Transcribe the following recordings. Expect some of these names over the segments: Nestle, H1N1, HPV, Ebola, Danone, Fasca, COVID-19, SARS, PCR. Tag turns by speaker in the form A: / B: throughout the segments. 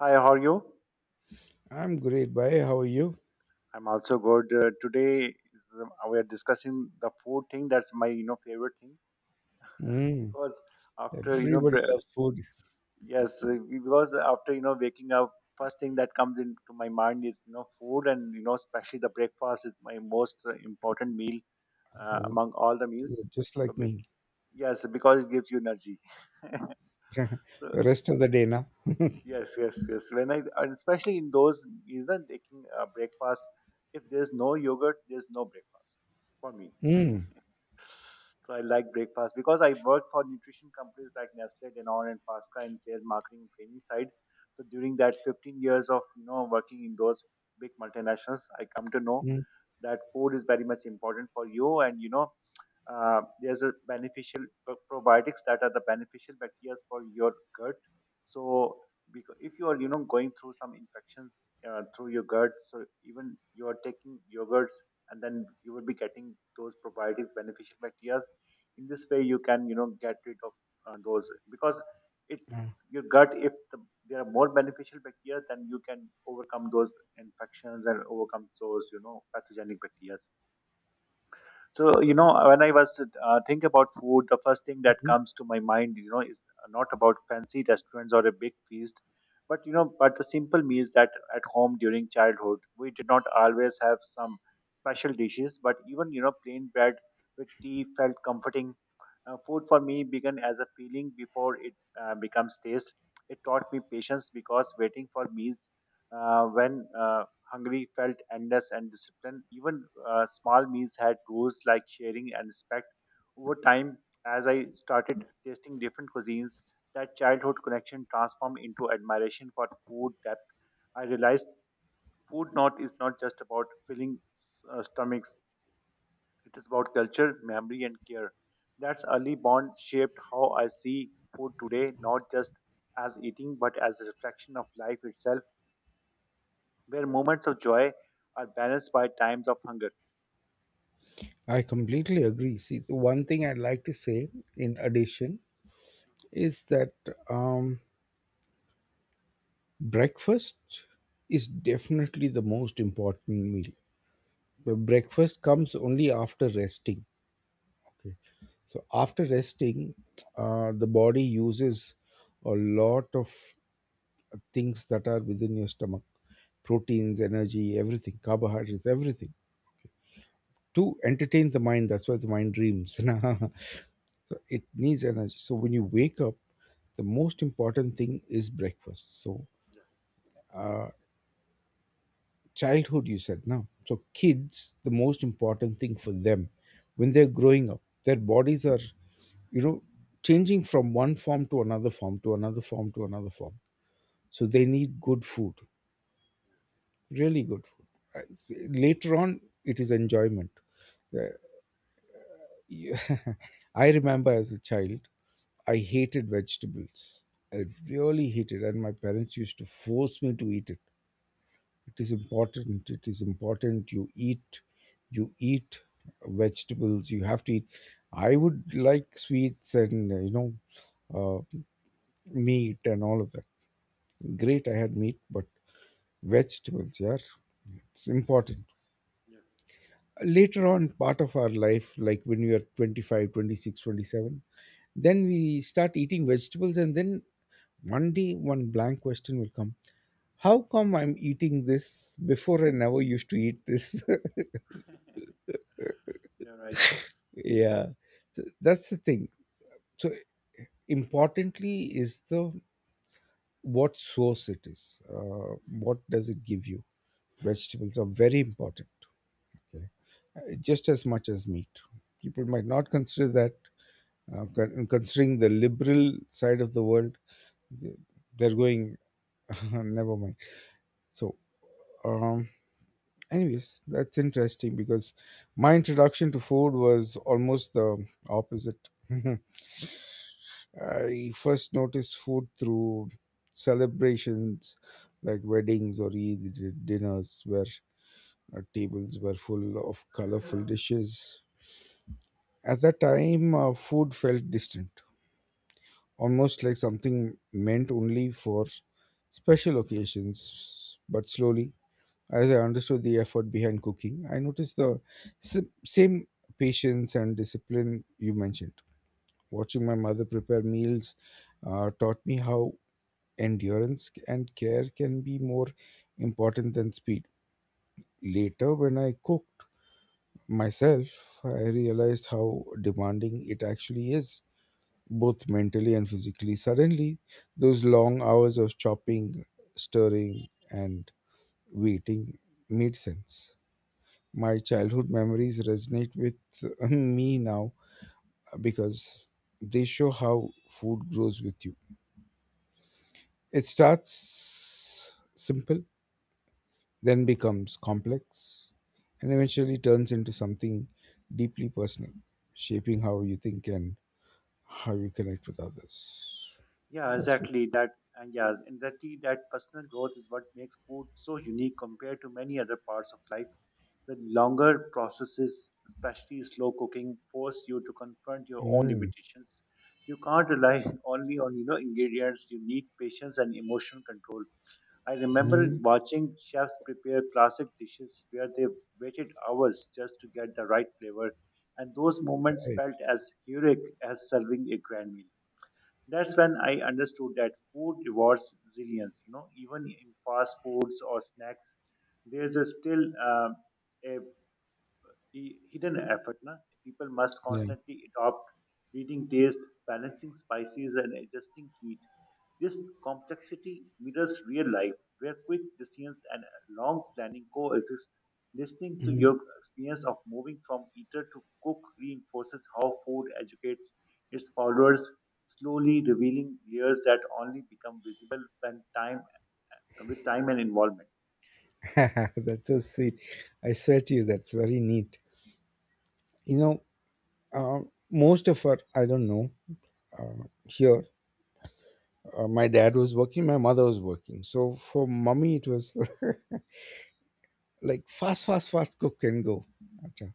A: Hi, how are you?
B: I'm great, bhai. How are you?
A: I'm also good. Today we are discussing the food thing. That's my favorite thing
B: Mm.
A: because after you know
B: Everybody
A: bre-
B: loves food.
A: yes because after waking up, first thing that comes into my mind is food, and especially the breakfast is my most important meal
B: Oh,
A: among all the
B: you're
A: meals.
B: just
A: So
B: like
A: be-
B: me.
A: yes, because it gives you energy.
B: The
A: so
B: rest of the day, na?
A: Yes, yes, yes, when I, and especially in those, even taking breakfast. If there's no yogurt, there's no breakfast for me.
B: Mm.
A: So I like breakfast because I work for nutrition companies like Nestle, Danone, and Fasca in sales, marketing, and training side. So during that 15 years of working in those big multinationals, I come to know
B: Mm.
A: that food is very much important for you, and there's a beneficial probiotics that are the beneficial bacteria for your gut. So because if you are going through some infections through your gut, so even you are taking yogurts, and then you will be getting those probiotics, beneficial bacteria. In this way you can get rid of those, because it
B: Ah,
A: your gut, if the, there are more beneficial bacteria, then you can overcome those infections and overcome those pathogenic bacteria. So you know, when I was think about food, the first thing that
B: mhm.
A: comes to my mind is not about fancy restaurants or a big feast, but but the simple meals that at home during childhood. We did not always have some special dishes, but even plain bread with tea felt comforting. Food for me began as a feeling before it becomes taste. It taught me patience, because waiting for meals when Hungary felt endless and disciplined. Even small meals had rules like sharing and respect. Over time, as I started tasting different cuisines, that childhood connection transformed into admiration for food depth. I realized food not is not just about filling stomachs; it is about culture, memory, and care. That's early bond shaped how I see food today, not just as eating, but as a reflection of life itself, where moments of joy are balanced by times of hunger.
B: I completely agree. See, the one thing I'd like to say in addition is that um, breakfast is definitely the most important meal. The breakfast comes only after resting. Okay. So after resting, the body uses a lot of things that are within your stomach proteins, energy, everything, carbohydrates, everything to entertain the mind. That's why the mind dreams. So it needs energy. So when you wake up, the most important thing is breakfast. So,
A: Yes.
B: uh, childhood, you said now. So, kids, the most important thing for them when they're
A: Mhm.
B: growing up, their
A: Mhm. Mhm.
B: bodies are, you know, changing from one form to another form to another form to another form. So, they need good food. Really good food. Later on, it is enjoyment. Uh, you- I remember as a child, I hated vegetables. I really hated, and my parents used to force me to eat it. It is important. It is important. You eat vegetables. You have to eat. I would like sweets and you know, uh, meat and all of that. Great, I had meat, but vegetables, yeah, it's important.
A: Yes.
B: Later on part of our life like when we are 25, 26, 27, then we start eating vegetables and then one day one blank question will come: how come I'm eating this? Before I never used to eat this.
A: You're right.
B: Yeah. So that's the thing, so importantly is the what source it is, what does it give you? Vegetables are very important, okay? Just as much as meat, people might not consider that. Considering the liberal side of the world, they- they're going. Never mind. So, um, anyways, that's interesting because my introduction to food was almost the opposite. I first noticed food through celebrations like weddings or Eid dinners where tables were full of colorful dishes. At that time, food felt distant, almost like something meant only for special occasions. But slowly, as I understood the effort behind cooking, I noticed the same patience and discipline you mentioned. Watching my
A: Yes.
B: mother prepare meals taught me how endurance and care can be more important than speed. Later, when I cooked myself, I realized how demanding it actually is, both mentally and physically. Suddenly, those long hours of chopping, stirring, and waiting made sense. My childhood memories resonate with me now because they show how food grows with you. It starts simple, then becomes complex, and eventually turns into something deeply personal, shaping how you think and how you connect with others.
A: Yeah,
B: That's it.
A: exactly that. And yeah, exactly that personal growth is what makes food so unique compared to many other parts of life. The longer processes, especially slow cooking, force you to confront your own
B: Mm,
A: limitations. You can't rely only on ingredients. You need patience and emotional control. I remember
B: mm,
A: watching chefs prepare classic dishes where they waited hours just to get the right flavor, and those moments
B: right.
A: felt as heroic as serving a grand meal. That's when I understood that food rewards resilience. You know, even in fast foods or snacks, there's a still a hidden effort. Na? People must
B: Yeah.
A: constantly adopt, reading taste, balancing spices, and adjusting heat. This complexity mirrors real life, where quick decisions and long planning coexist. Listening to
B: Mhm.
A: your experience of moving from eater to cook reinforces how food educates its followers, slowly revealing layers that only become visible when time with time and involvement.
B: That's so sweet. I swear to you, that's very neat. You know, uh, most of our, I don't know, here, my dad was working, my mother was working. So for mummy it was like fast, fast, fast, cook and go. Acha.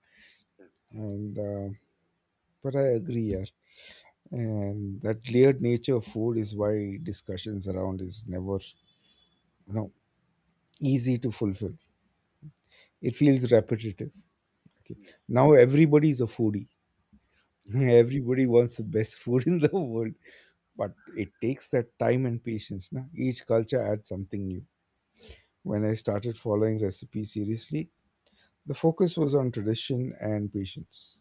A: Yes,
B: And, but I agree, yeah. And that layered nature of food is why discussions around is never, you know, easy to fulfill. It feels repetitive. Okay.
A: yes,
B: Now everybody is a foodie.
A: yes.
B: Everybody wants the best food in the world, but it takes that time and patience. Na? Each culture adds something new. When I started following recipes seriously, the focus was on tradition and patience.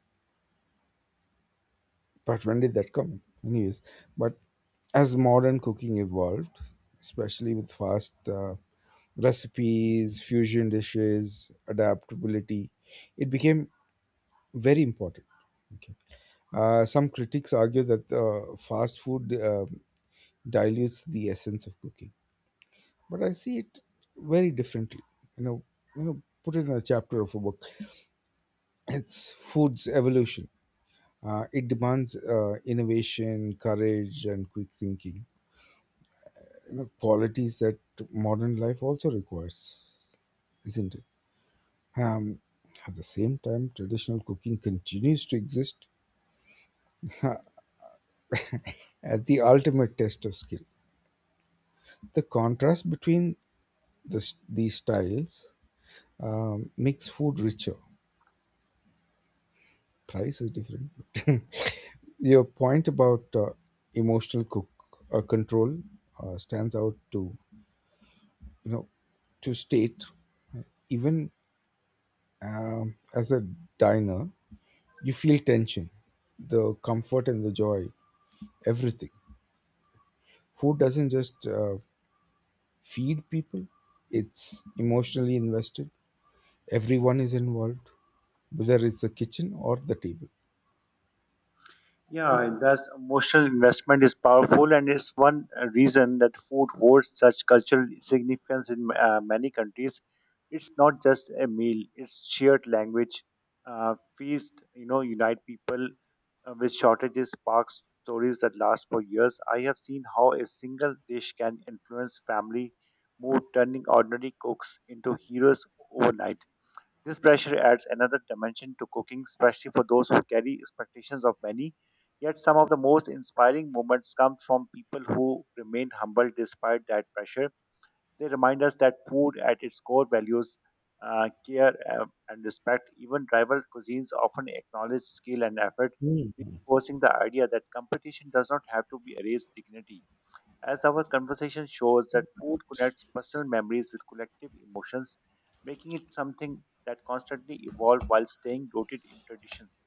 B: But when did that come? Anyways, but as modern cooking evolved, especially with fast recipes, fusion dishes, adaptability, it became very important. Okay. Some critics argue that fast food dilutes the essence of cooking. But I see it very differently. You know, you know, put it in a chapter of a book. It's food's evolution. It demands innovation, courage, and quick thinking. You know, qualities that modern life also requires, isn't it? Um, at the same time, traditional cooking continues to exist as the ultimate test of skill. The contrast between these styles makes food richer. Price is different. Your point about emotional cook control stands out to you know to state, uh, even as a diner you feel tension, the comfort and the joy, everything. Food doesn't just feed people, it's emotionally invested, everyone is involved, whether it's the kitchen or the table.
A: Yeah, thus emotional investment is powerful, and it's one reason that food holds such cultural significance in many countries. It's not just a meal; it's shared language, feast. You know, unite people with shortages, sparks stories that last for years. I have seen how a single dish can influence family mood, turning ordinary cooks into heroes overnight. This pressure adds another dimension to cooking, especially for those who carry expectations of many. Yet some of the most inspiring moments come from people who remain humble despite that pressure. They remind us that food at its core values care and respect. Even rival cuisines often acknowledge skill and effort,
B: Hmm.
A: reinforcing the idea that competition does not have to be erase dignity. As our conversation shows, that food connects personal memories with collective emotions, making it something that constantly evolves while staying rooted in traditions.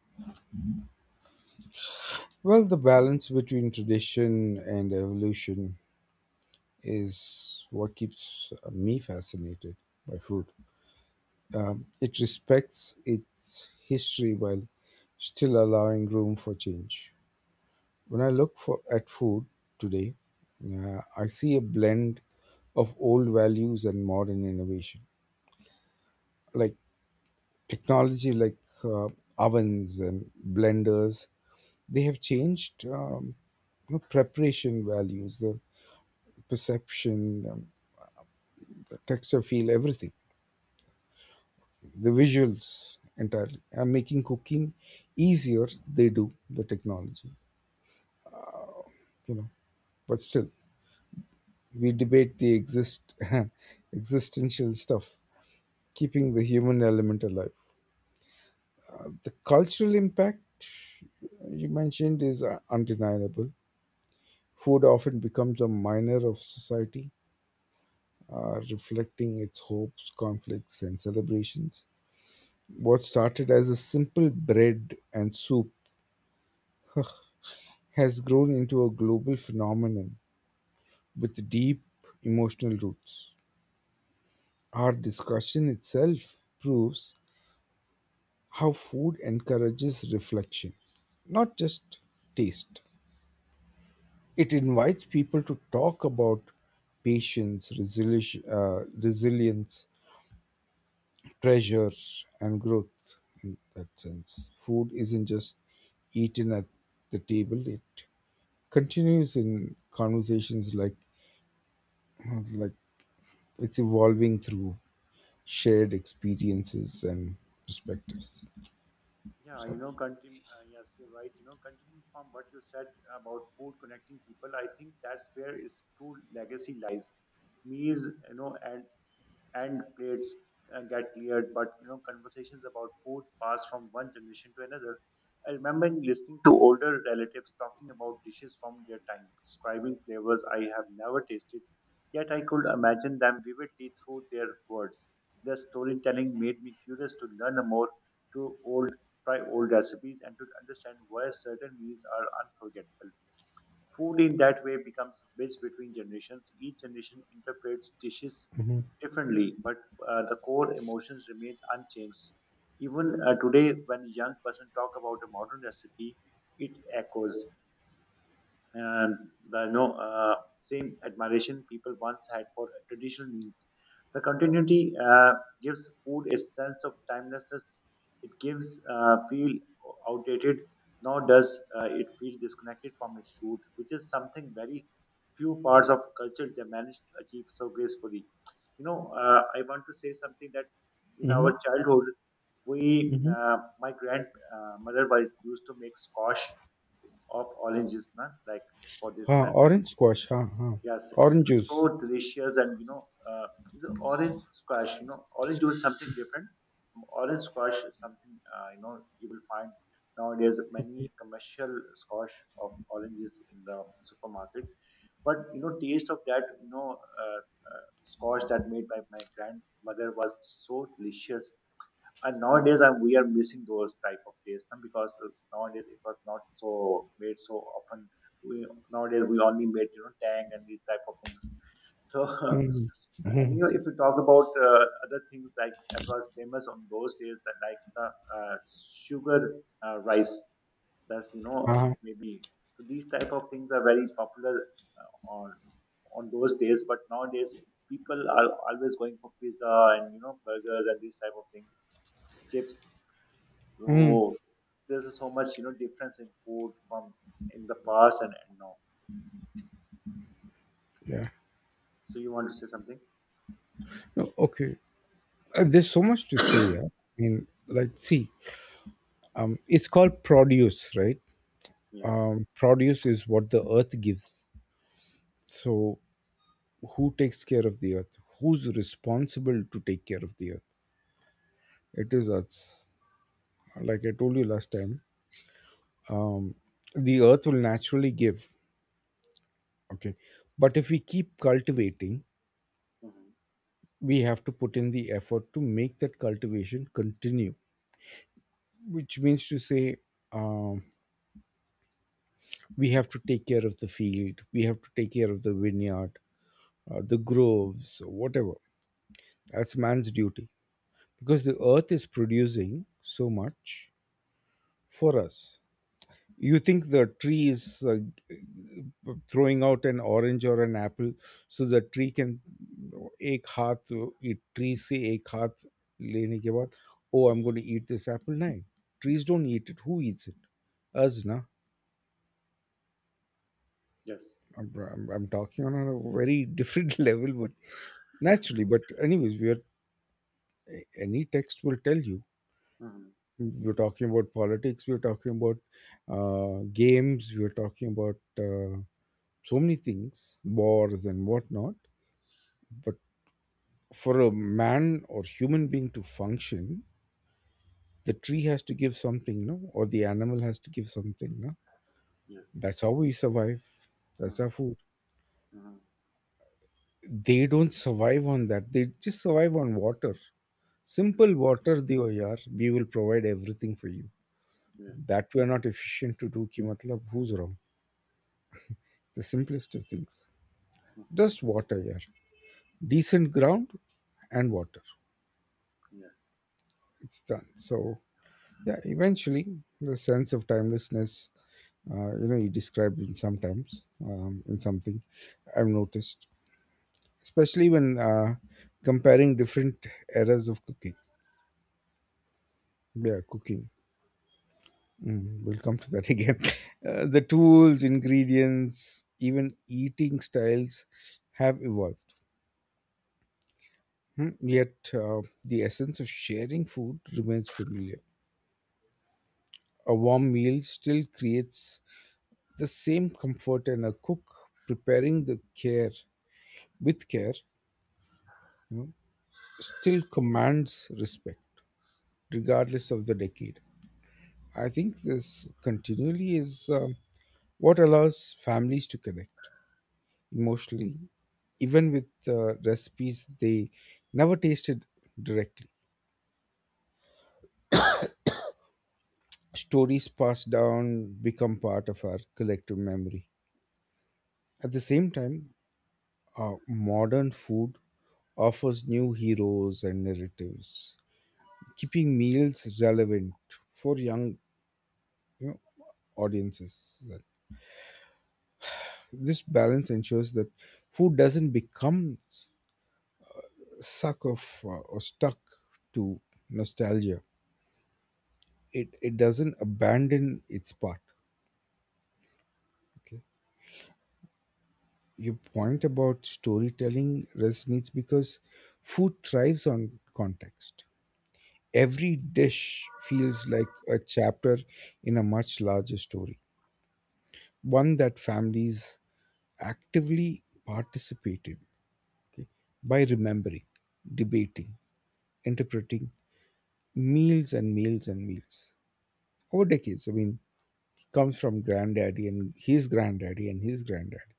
B: Well, the balance between tradition and evolution is what keeps me fascinated by food. It respects its history while still allowing room for change. When I look for at food today, I see a blend of old values and modern innovation, like technology, like uh, ovens and blenders. They have changed you know, preparation values, the perception, the texture, feel, everything, the visuals entirely, and making cooking easier they do, the technology, you know, but still we debate the exist existential stuff, keeping the human element alive. The cultural impact you mentioned is undeniable. Food often becomes a minor of society, reflecting its hopes, conflicts, and celebrations. What started as a simple bread and soup has grown into a global phenomenon with deep emotional roots. Our discussion itself proves how food encourages reflection, not just taste. It invites people to talk about patience, resilience, treasure, and growth. In that sense, food isn't just eaten at the table; it continues in conversations like it's evolving through shared experiences and perspectives.
A: Yeah, you
B: Sorry.
A: know, continue. Yes, you're right. You know, continuing from what you said about food connecting people, I think that's where its true legacy lies. Meals, you know, and plates get cleared, but you know, conversations about food pass from one generation to another. I remember listening to older relatives talking about dishes from their time, describing flavors I have never tasted, yet I could imagine them vividly through their words. Their storytelling made me curious to learn more, to old try old recipes, and to understand why certain meals are unforgettable. Food in that way becomes bridge between generations. Each generation interprets dishes
B: Mm-hmm.
A: differently, but the core emotions remain unchanged. Even today, when a young person talk about a modern recipe, it echoes and the same admiration people once had for traditional meals. The continuity gives food a sense of timelessness. It gives feel outdated, nor does it feel disconnected from its roots, which is something very few parts of culture they manage to achieve so gracefully. You know, I want to say something, that in
B: Mm-hmm.
A: our childhood, we,
B: Mm-hmm.
A: my grandmother was used to make squash of oranges, na? Like for this
B: Huh,
A: that, that.
B: orange squash. Huh, huh.
A: Yes, it's
B: Orange juice.
A: so delicious, and it's a orange squash. You know, orange juice is something different. Orange squash is something you know you will find nowadays many commercial squash of oranges in the supermarket. But you know, taste of that squash that made by my grandmother was so delicious, and nowadays we are missing those type of days because nowadays it was not so made so often. We Nowadays we only made tang and these type of things. So
B: Mm-hmm.
A: and
B: Mm-hmm.
A: you know if you talk about other things like that was famous on those days, that like the uh, sugar rice, that's you know
B: Huh.
A: maybe, so these type of things are very popular uh, on on those days, but nowadays people are always going for pizza and you know burgers and these type of things, chips. So
B: Mm.
A: there's so much you know difference in food from in the past and now.
B: Yeah.
A: So you want to say something?
B: No, okay. There's so much to say. Yeah. I mean, like, see, it's called produce, right?
A: Yes.
B: Produce is what the earth gives. So, who takes care of the earth? Who's responsible to take care of the earth? It is us. Like I told you last time, um, the earth will naturally give, okay, but if we keep cultivating,
A: hmm
B: we have to put in the effort to make that cultivation continue, which means to say, um, we have to take care of the field, we have to take care of the vineyard, the groves, whatever. That's man's duty, because the earth is producing so much for us. You think the tree is throwing out an orange or an apple so the tree can एक हाथ एक tree से एक हाथ लेने के बाद, oh I'm going to eat this apple? No, trees don't eat it. Who eats it? Us, na.
A: Yes.
B: I'm talking on a very different level but naturally, but anyways we are, any text will tell you,
A: hmm
B: we're talking about politics, we're talking about uh, games, we're talking about uh, so many things, wars and whatnot. But for a man or human being to function, the tree has to give something, no? Or the animal has to give something, no?
A: Yes.
B: That's how we survive. That's our
A: hmm
B: food.
A: hmm
B: They don't survive on that. They just survive on water. Simple
A: Yes.
B: water diyo yaar. We will provide everything for you.
A: Yes.
B: That we are not efficient to do ki matlab, who's wrong? The simplest of things.
A: hmm
B: Just water yaar. Decent ground and water.
A: Yes.
B: It's done. So, yeah, eventually the sense of timelessness, you know, you described in sometimes in something I've noticed, especially when comparing different eras of cooking. Yeah, cooking. Mm, we'll come to that again. The tools, ingredients, even eating styles have evolved. Hmm. Yet the essence of sharing food remains familiar. A warm meal still creates the same comfort, and a cook preparing the care with care still commands respect regardless of the decade. I think this continually is um, what allows families to connect emotionally, even with recipes they never tasted directly. Stories passed down become part of our collective memory. At the same time, modern food offers new heroes and narratives, keeping meals relevant for young, you know, audiences. That this balance ensures that food doesn't become suck of or stuck to nostalgia. It doesn't abandon its part. Okay, your point about storytelling resonates because food thrives on context. Every dish feels like a chapter in a much larger story, one that families actively participated, okay, by remembering, debating, interpreting meals and meals and meals over decades. I mean, he comes from granddaddy and his granddaddy and his granddaddy.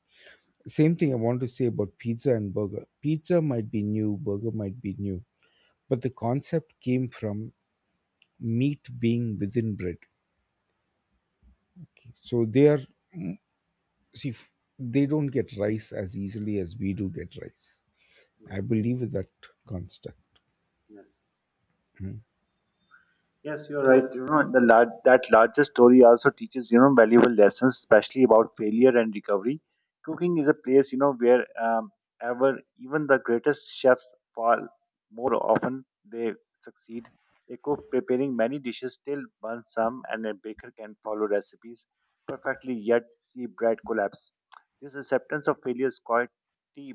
B: Same thing I want to say about pizza and burger. Pizza might be new, burger might be new, but the concept came from meat being within bread. Okay, so they are, see, they don't get rice as easily as we do get rice. I
A: Yes.
B: believe in that construct.
A: Yes. Yes, you're right. You know, the that larger story also teaches you know valuable lessons, especially about failure and recovery. Cooking is a place you know where ever even the greatest chefs fall. More often they succeed. A cook preparing many dishes still burns some, and a baker can follow recipes perfectly yet see bread collapse. This acceptance of failure is quite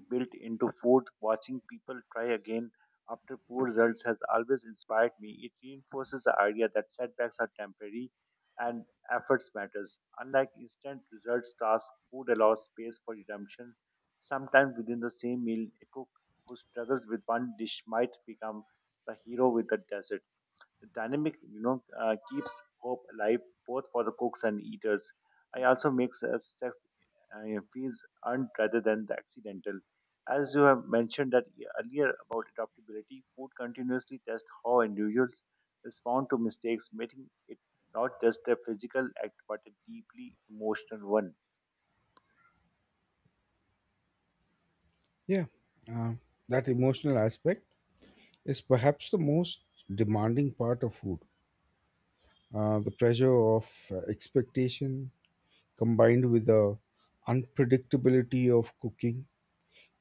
A: built into food. Watching people try again after poor results has always inspired me. It reinforces the idea that setbacks are temporary and efforts matters. Unlike instant results tasks, food allows space for redemption. Sometimes within the same meal, a cook who struggles with one dish might become the hero with the dessert dynamic you know keeps hope alive, both for the cooks and eaters. I also makes sex feels earned rather than the accidental. As you have mentioned that earlier about adaptability, food continuously tests how individuals respond to mistakes, making it not just a physical act, but a deeply emotional one.
B: Yeah, uh, that emotional aspect is perhaps the most demanding part of food. The pressure of expectation combined with the unpredictability of cooking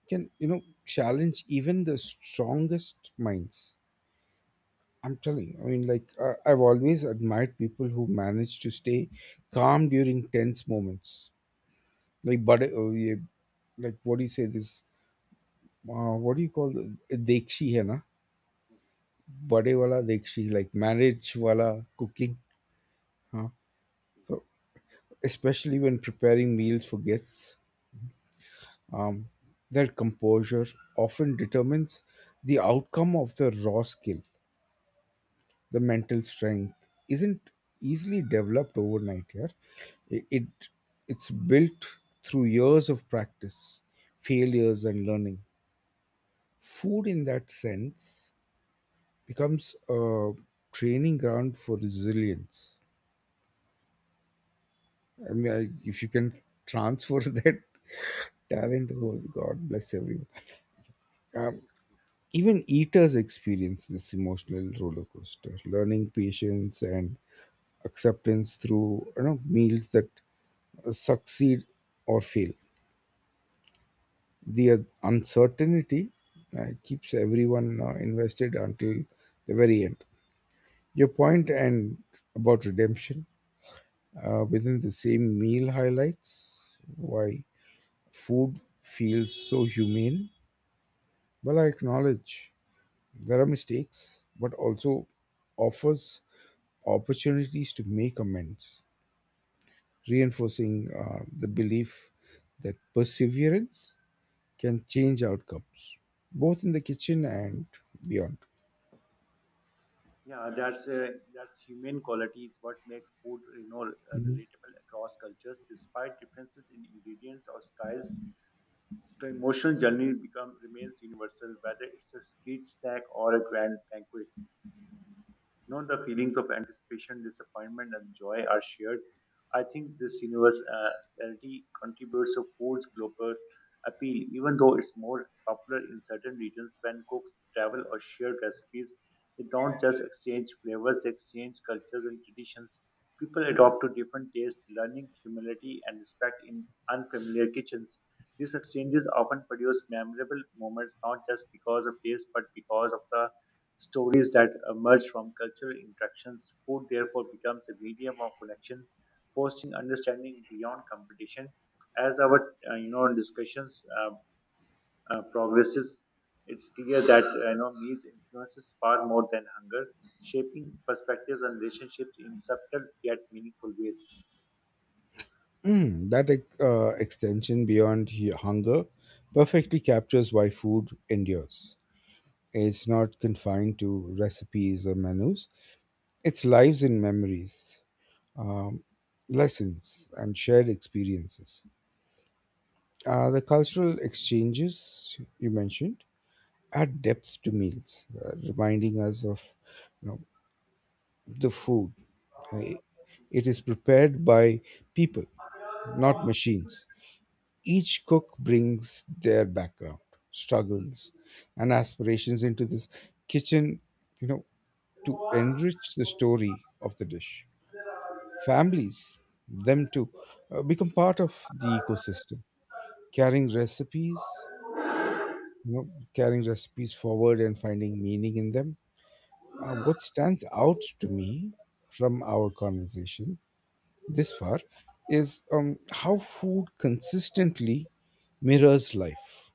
B: can, you know, challenge even the strongest minds. I'm telling you, I mean, like, I've always admired people who manage to stay calm during tense moments. Like, but, uh, yeah, what do you say this? What do you call the Dekshi, hai na? बड़े वाला dekshi, like marriage wala cooking. Huh? So, especially when preparing meals for guests, um, their composure often determines the outcome of the raw skill. The mental strength isn't easily developed overnight. Here, it
A: Yes.
B: it's built through years of practice, failures, and learning. Food, in that sense, becomes a training ground for resilience. If you can transfer that talent, oh, God bless everyone. Um, Even eaters experience this emotional roller coaster, learning patience and acceptance through meals that succeed or fail. The uncertainty keeps everyone invested until the very end. Your point and About redemption within the same meal highlights why food feels so humane. Well, I acknowledge there are mistakes, but also offers opportunities to make amends, reinforcing the belief that perseverance can change outcomes, both in the kitchen and beyond.
A: Yeah, that's human quality. It's what makes food
B: Mhm.
A: relatable across cultures despite differences in ingredients or styles. The emotional journey become remains universal, whether it's a street snack or a grand banquet. You know, the feelings of anticipation, disappointment, and joy are shared. I think this universality contributes to food's global appeal, even though it's more popular in certain regions when cooks travel or share recipes. They don't just exchange flavors, they exchange cultures and traditions. People adopt to different tastes, learning humility and respect in unfamiliar kitchens. These exchanges often produce memorable moments, not just because of taste, but because of the Stories that emerge from cultural interactions. Food therefore becomes a medium of connection, fostering understanding beyond competition. As our discussions progresses, it's clear that meals influences far more than hunger, shaping perspectives and relationships in subtle yet meaningful ways.
B: Extension beyond hunger perfectly captures why food endures. It's not confined to recipes or menus, it's lives and memories, um, lessons and shared experiences. The cultural exchanges you mentioned add depth to meals, reminding us of you know, the food. Uh, it is prepared by people, not machines. Each cook brings their background, struggles, and aspirations into this kitchen, you know, to enrich the story of the dish. Families, them too, become part of the ecosystem, carrying recipes, you know, carrying recipes forward and finding meaning in them. What stands out to me from our conversation this far is how food consistently mirrors life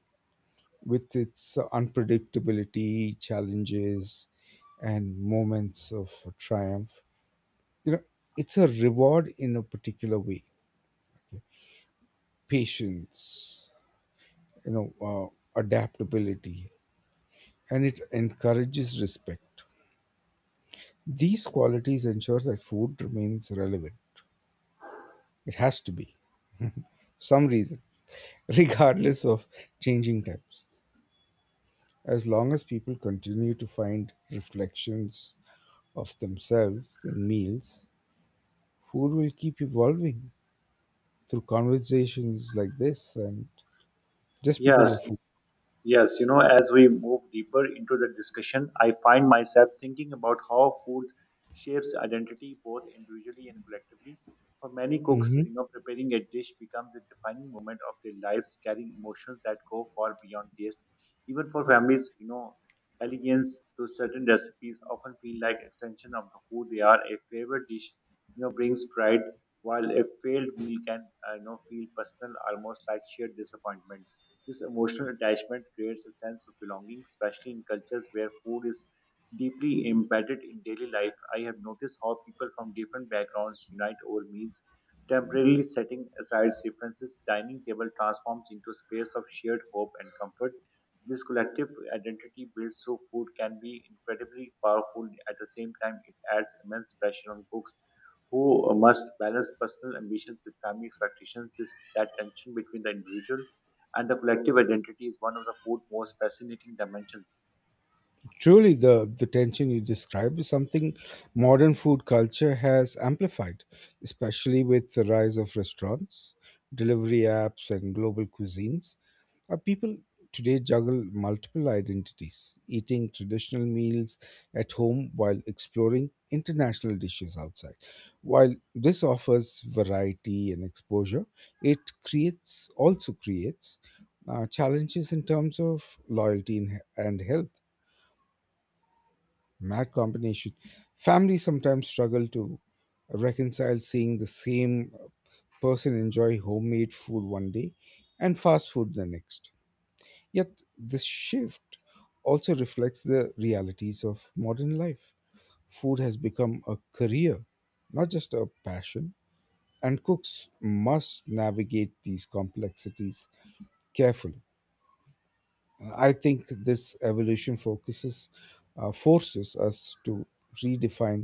B: with its unpredictability, challenges, and moments of triumph. You know, it's a reward in a particular way. Okay? Patience, adaptability, and it encourages respect. These qualities ensure that food remains relevant. It has to be, some reason, regardless of changing times. As long as people continue to find reflections of themselves in meals, food will keep evolving through conversations like this and just because
A: Yes,
B: of food.
A: yes, you know, as we move deeper into the discussion, I find myself thinking about how food shapes identity both individually and collectively. For many cooks,
B: Mhm.
A: you know, preparing a dish becomes a defining moment of their lives, carrying emotions that go far beyond taste. Even for families, you know, allegiance to certain recipes often feel like extension of who they are. A favorite dish, you know, brings pride, while a failed meal can, feel personal, almost like sheer disappointment. This emotional attachment creates a sense of belonging, especially in cultures where food is deeply embedded in daily life. I have noticed how people from different backgrounds unite over meals, temporarily setting aside differences. Dining table transforms into a space of shared hope and comfort. This collective identity built through food can be incredibly powerful. At the same time, it adds immense pressure on cooks who must balance personal ambitions with family expectations. This that tension between the individual and the collective identity is one of the fourth most fascinating dimensions.
B: Truly, the tension you describe is something modern food culture has amplified, especially with the rise of restaurants, delivery apps, and global cuisines. Our people today juggle multiple identities, eating traditional meals at home while exploring international dishes outside. While this offers variety and exposure, it creates also creates challenges in terms of loyalty and health. Mad combination. Families sometimes struggle to reconcile seeing the same person enjoy homemade food one day and fast food the next. Yet, this shift also reflects the realities of modern life. Food has become a career, not just a passion, and cooks must navigate these complexities carefully. I think this evolution forces us to redefine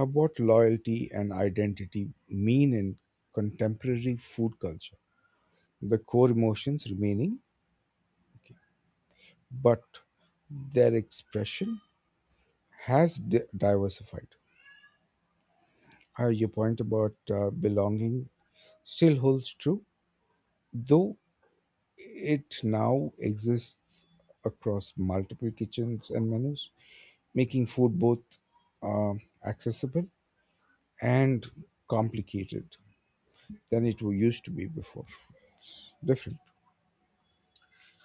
B: What loyalty and identity mean in contemporary food culture. The core emotions remaining, okay, but their expression has diversified. Your point about belonging still holds true, though it now exists across multiple kitchens and menus, making food both uh, accessible and complicated than it used to be before. It's different.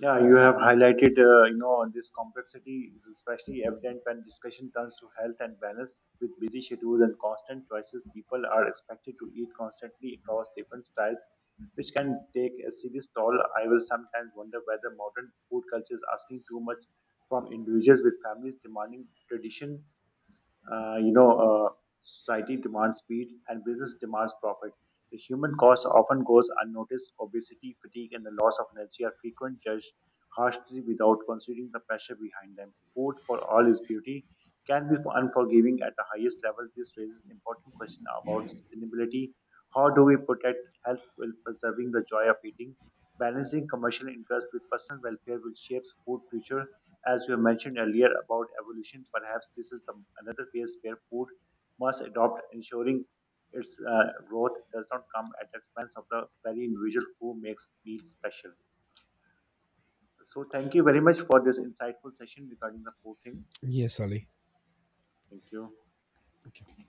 A: Yeah, you have highlighted, this complexity is especially evident when discussion turns to health and wellness. With busy schedules and constant choices, people are expected to eat constantly across different styles, which can take a serious toll. I will sometimes wonder whether modern food culture is asking too much from individuals, with families demanding tradition, Uh, you know, uh, society demands speed, and business demands profit. The human cost often goes unnoticed. Obesity, fatigue, and the loss of energy are frequent, judged harshly without considering the pressure behind them. Food for all is beauty can be unforgiving at the highest level. This raises important question about sustainability. How do we protect health while preserving the joy of eating? Balancing commercial interests with personal welfare will shape food future. As you mentioned earlier about evolution, perhaps this is another phase where food must adopt, ensuring its growth does not come at the expense of the very individual who makes meals special. So, thank you very much for this insightful session regarding the food thing.
B: Yes, Ali.
A: Thank you.
B: Okay.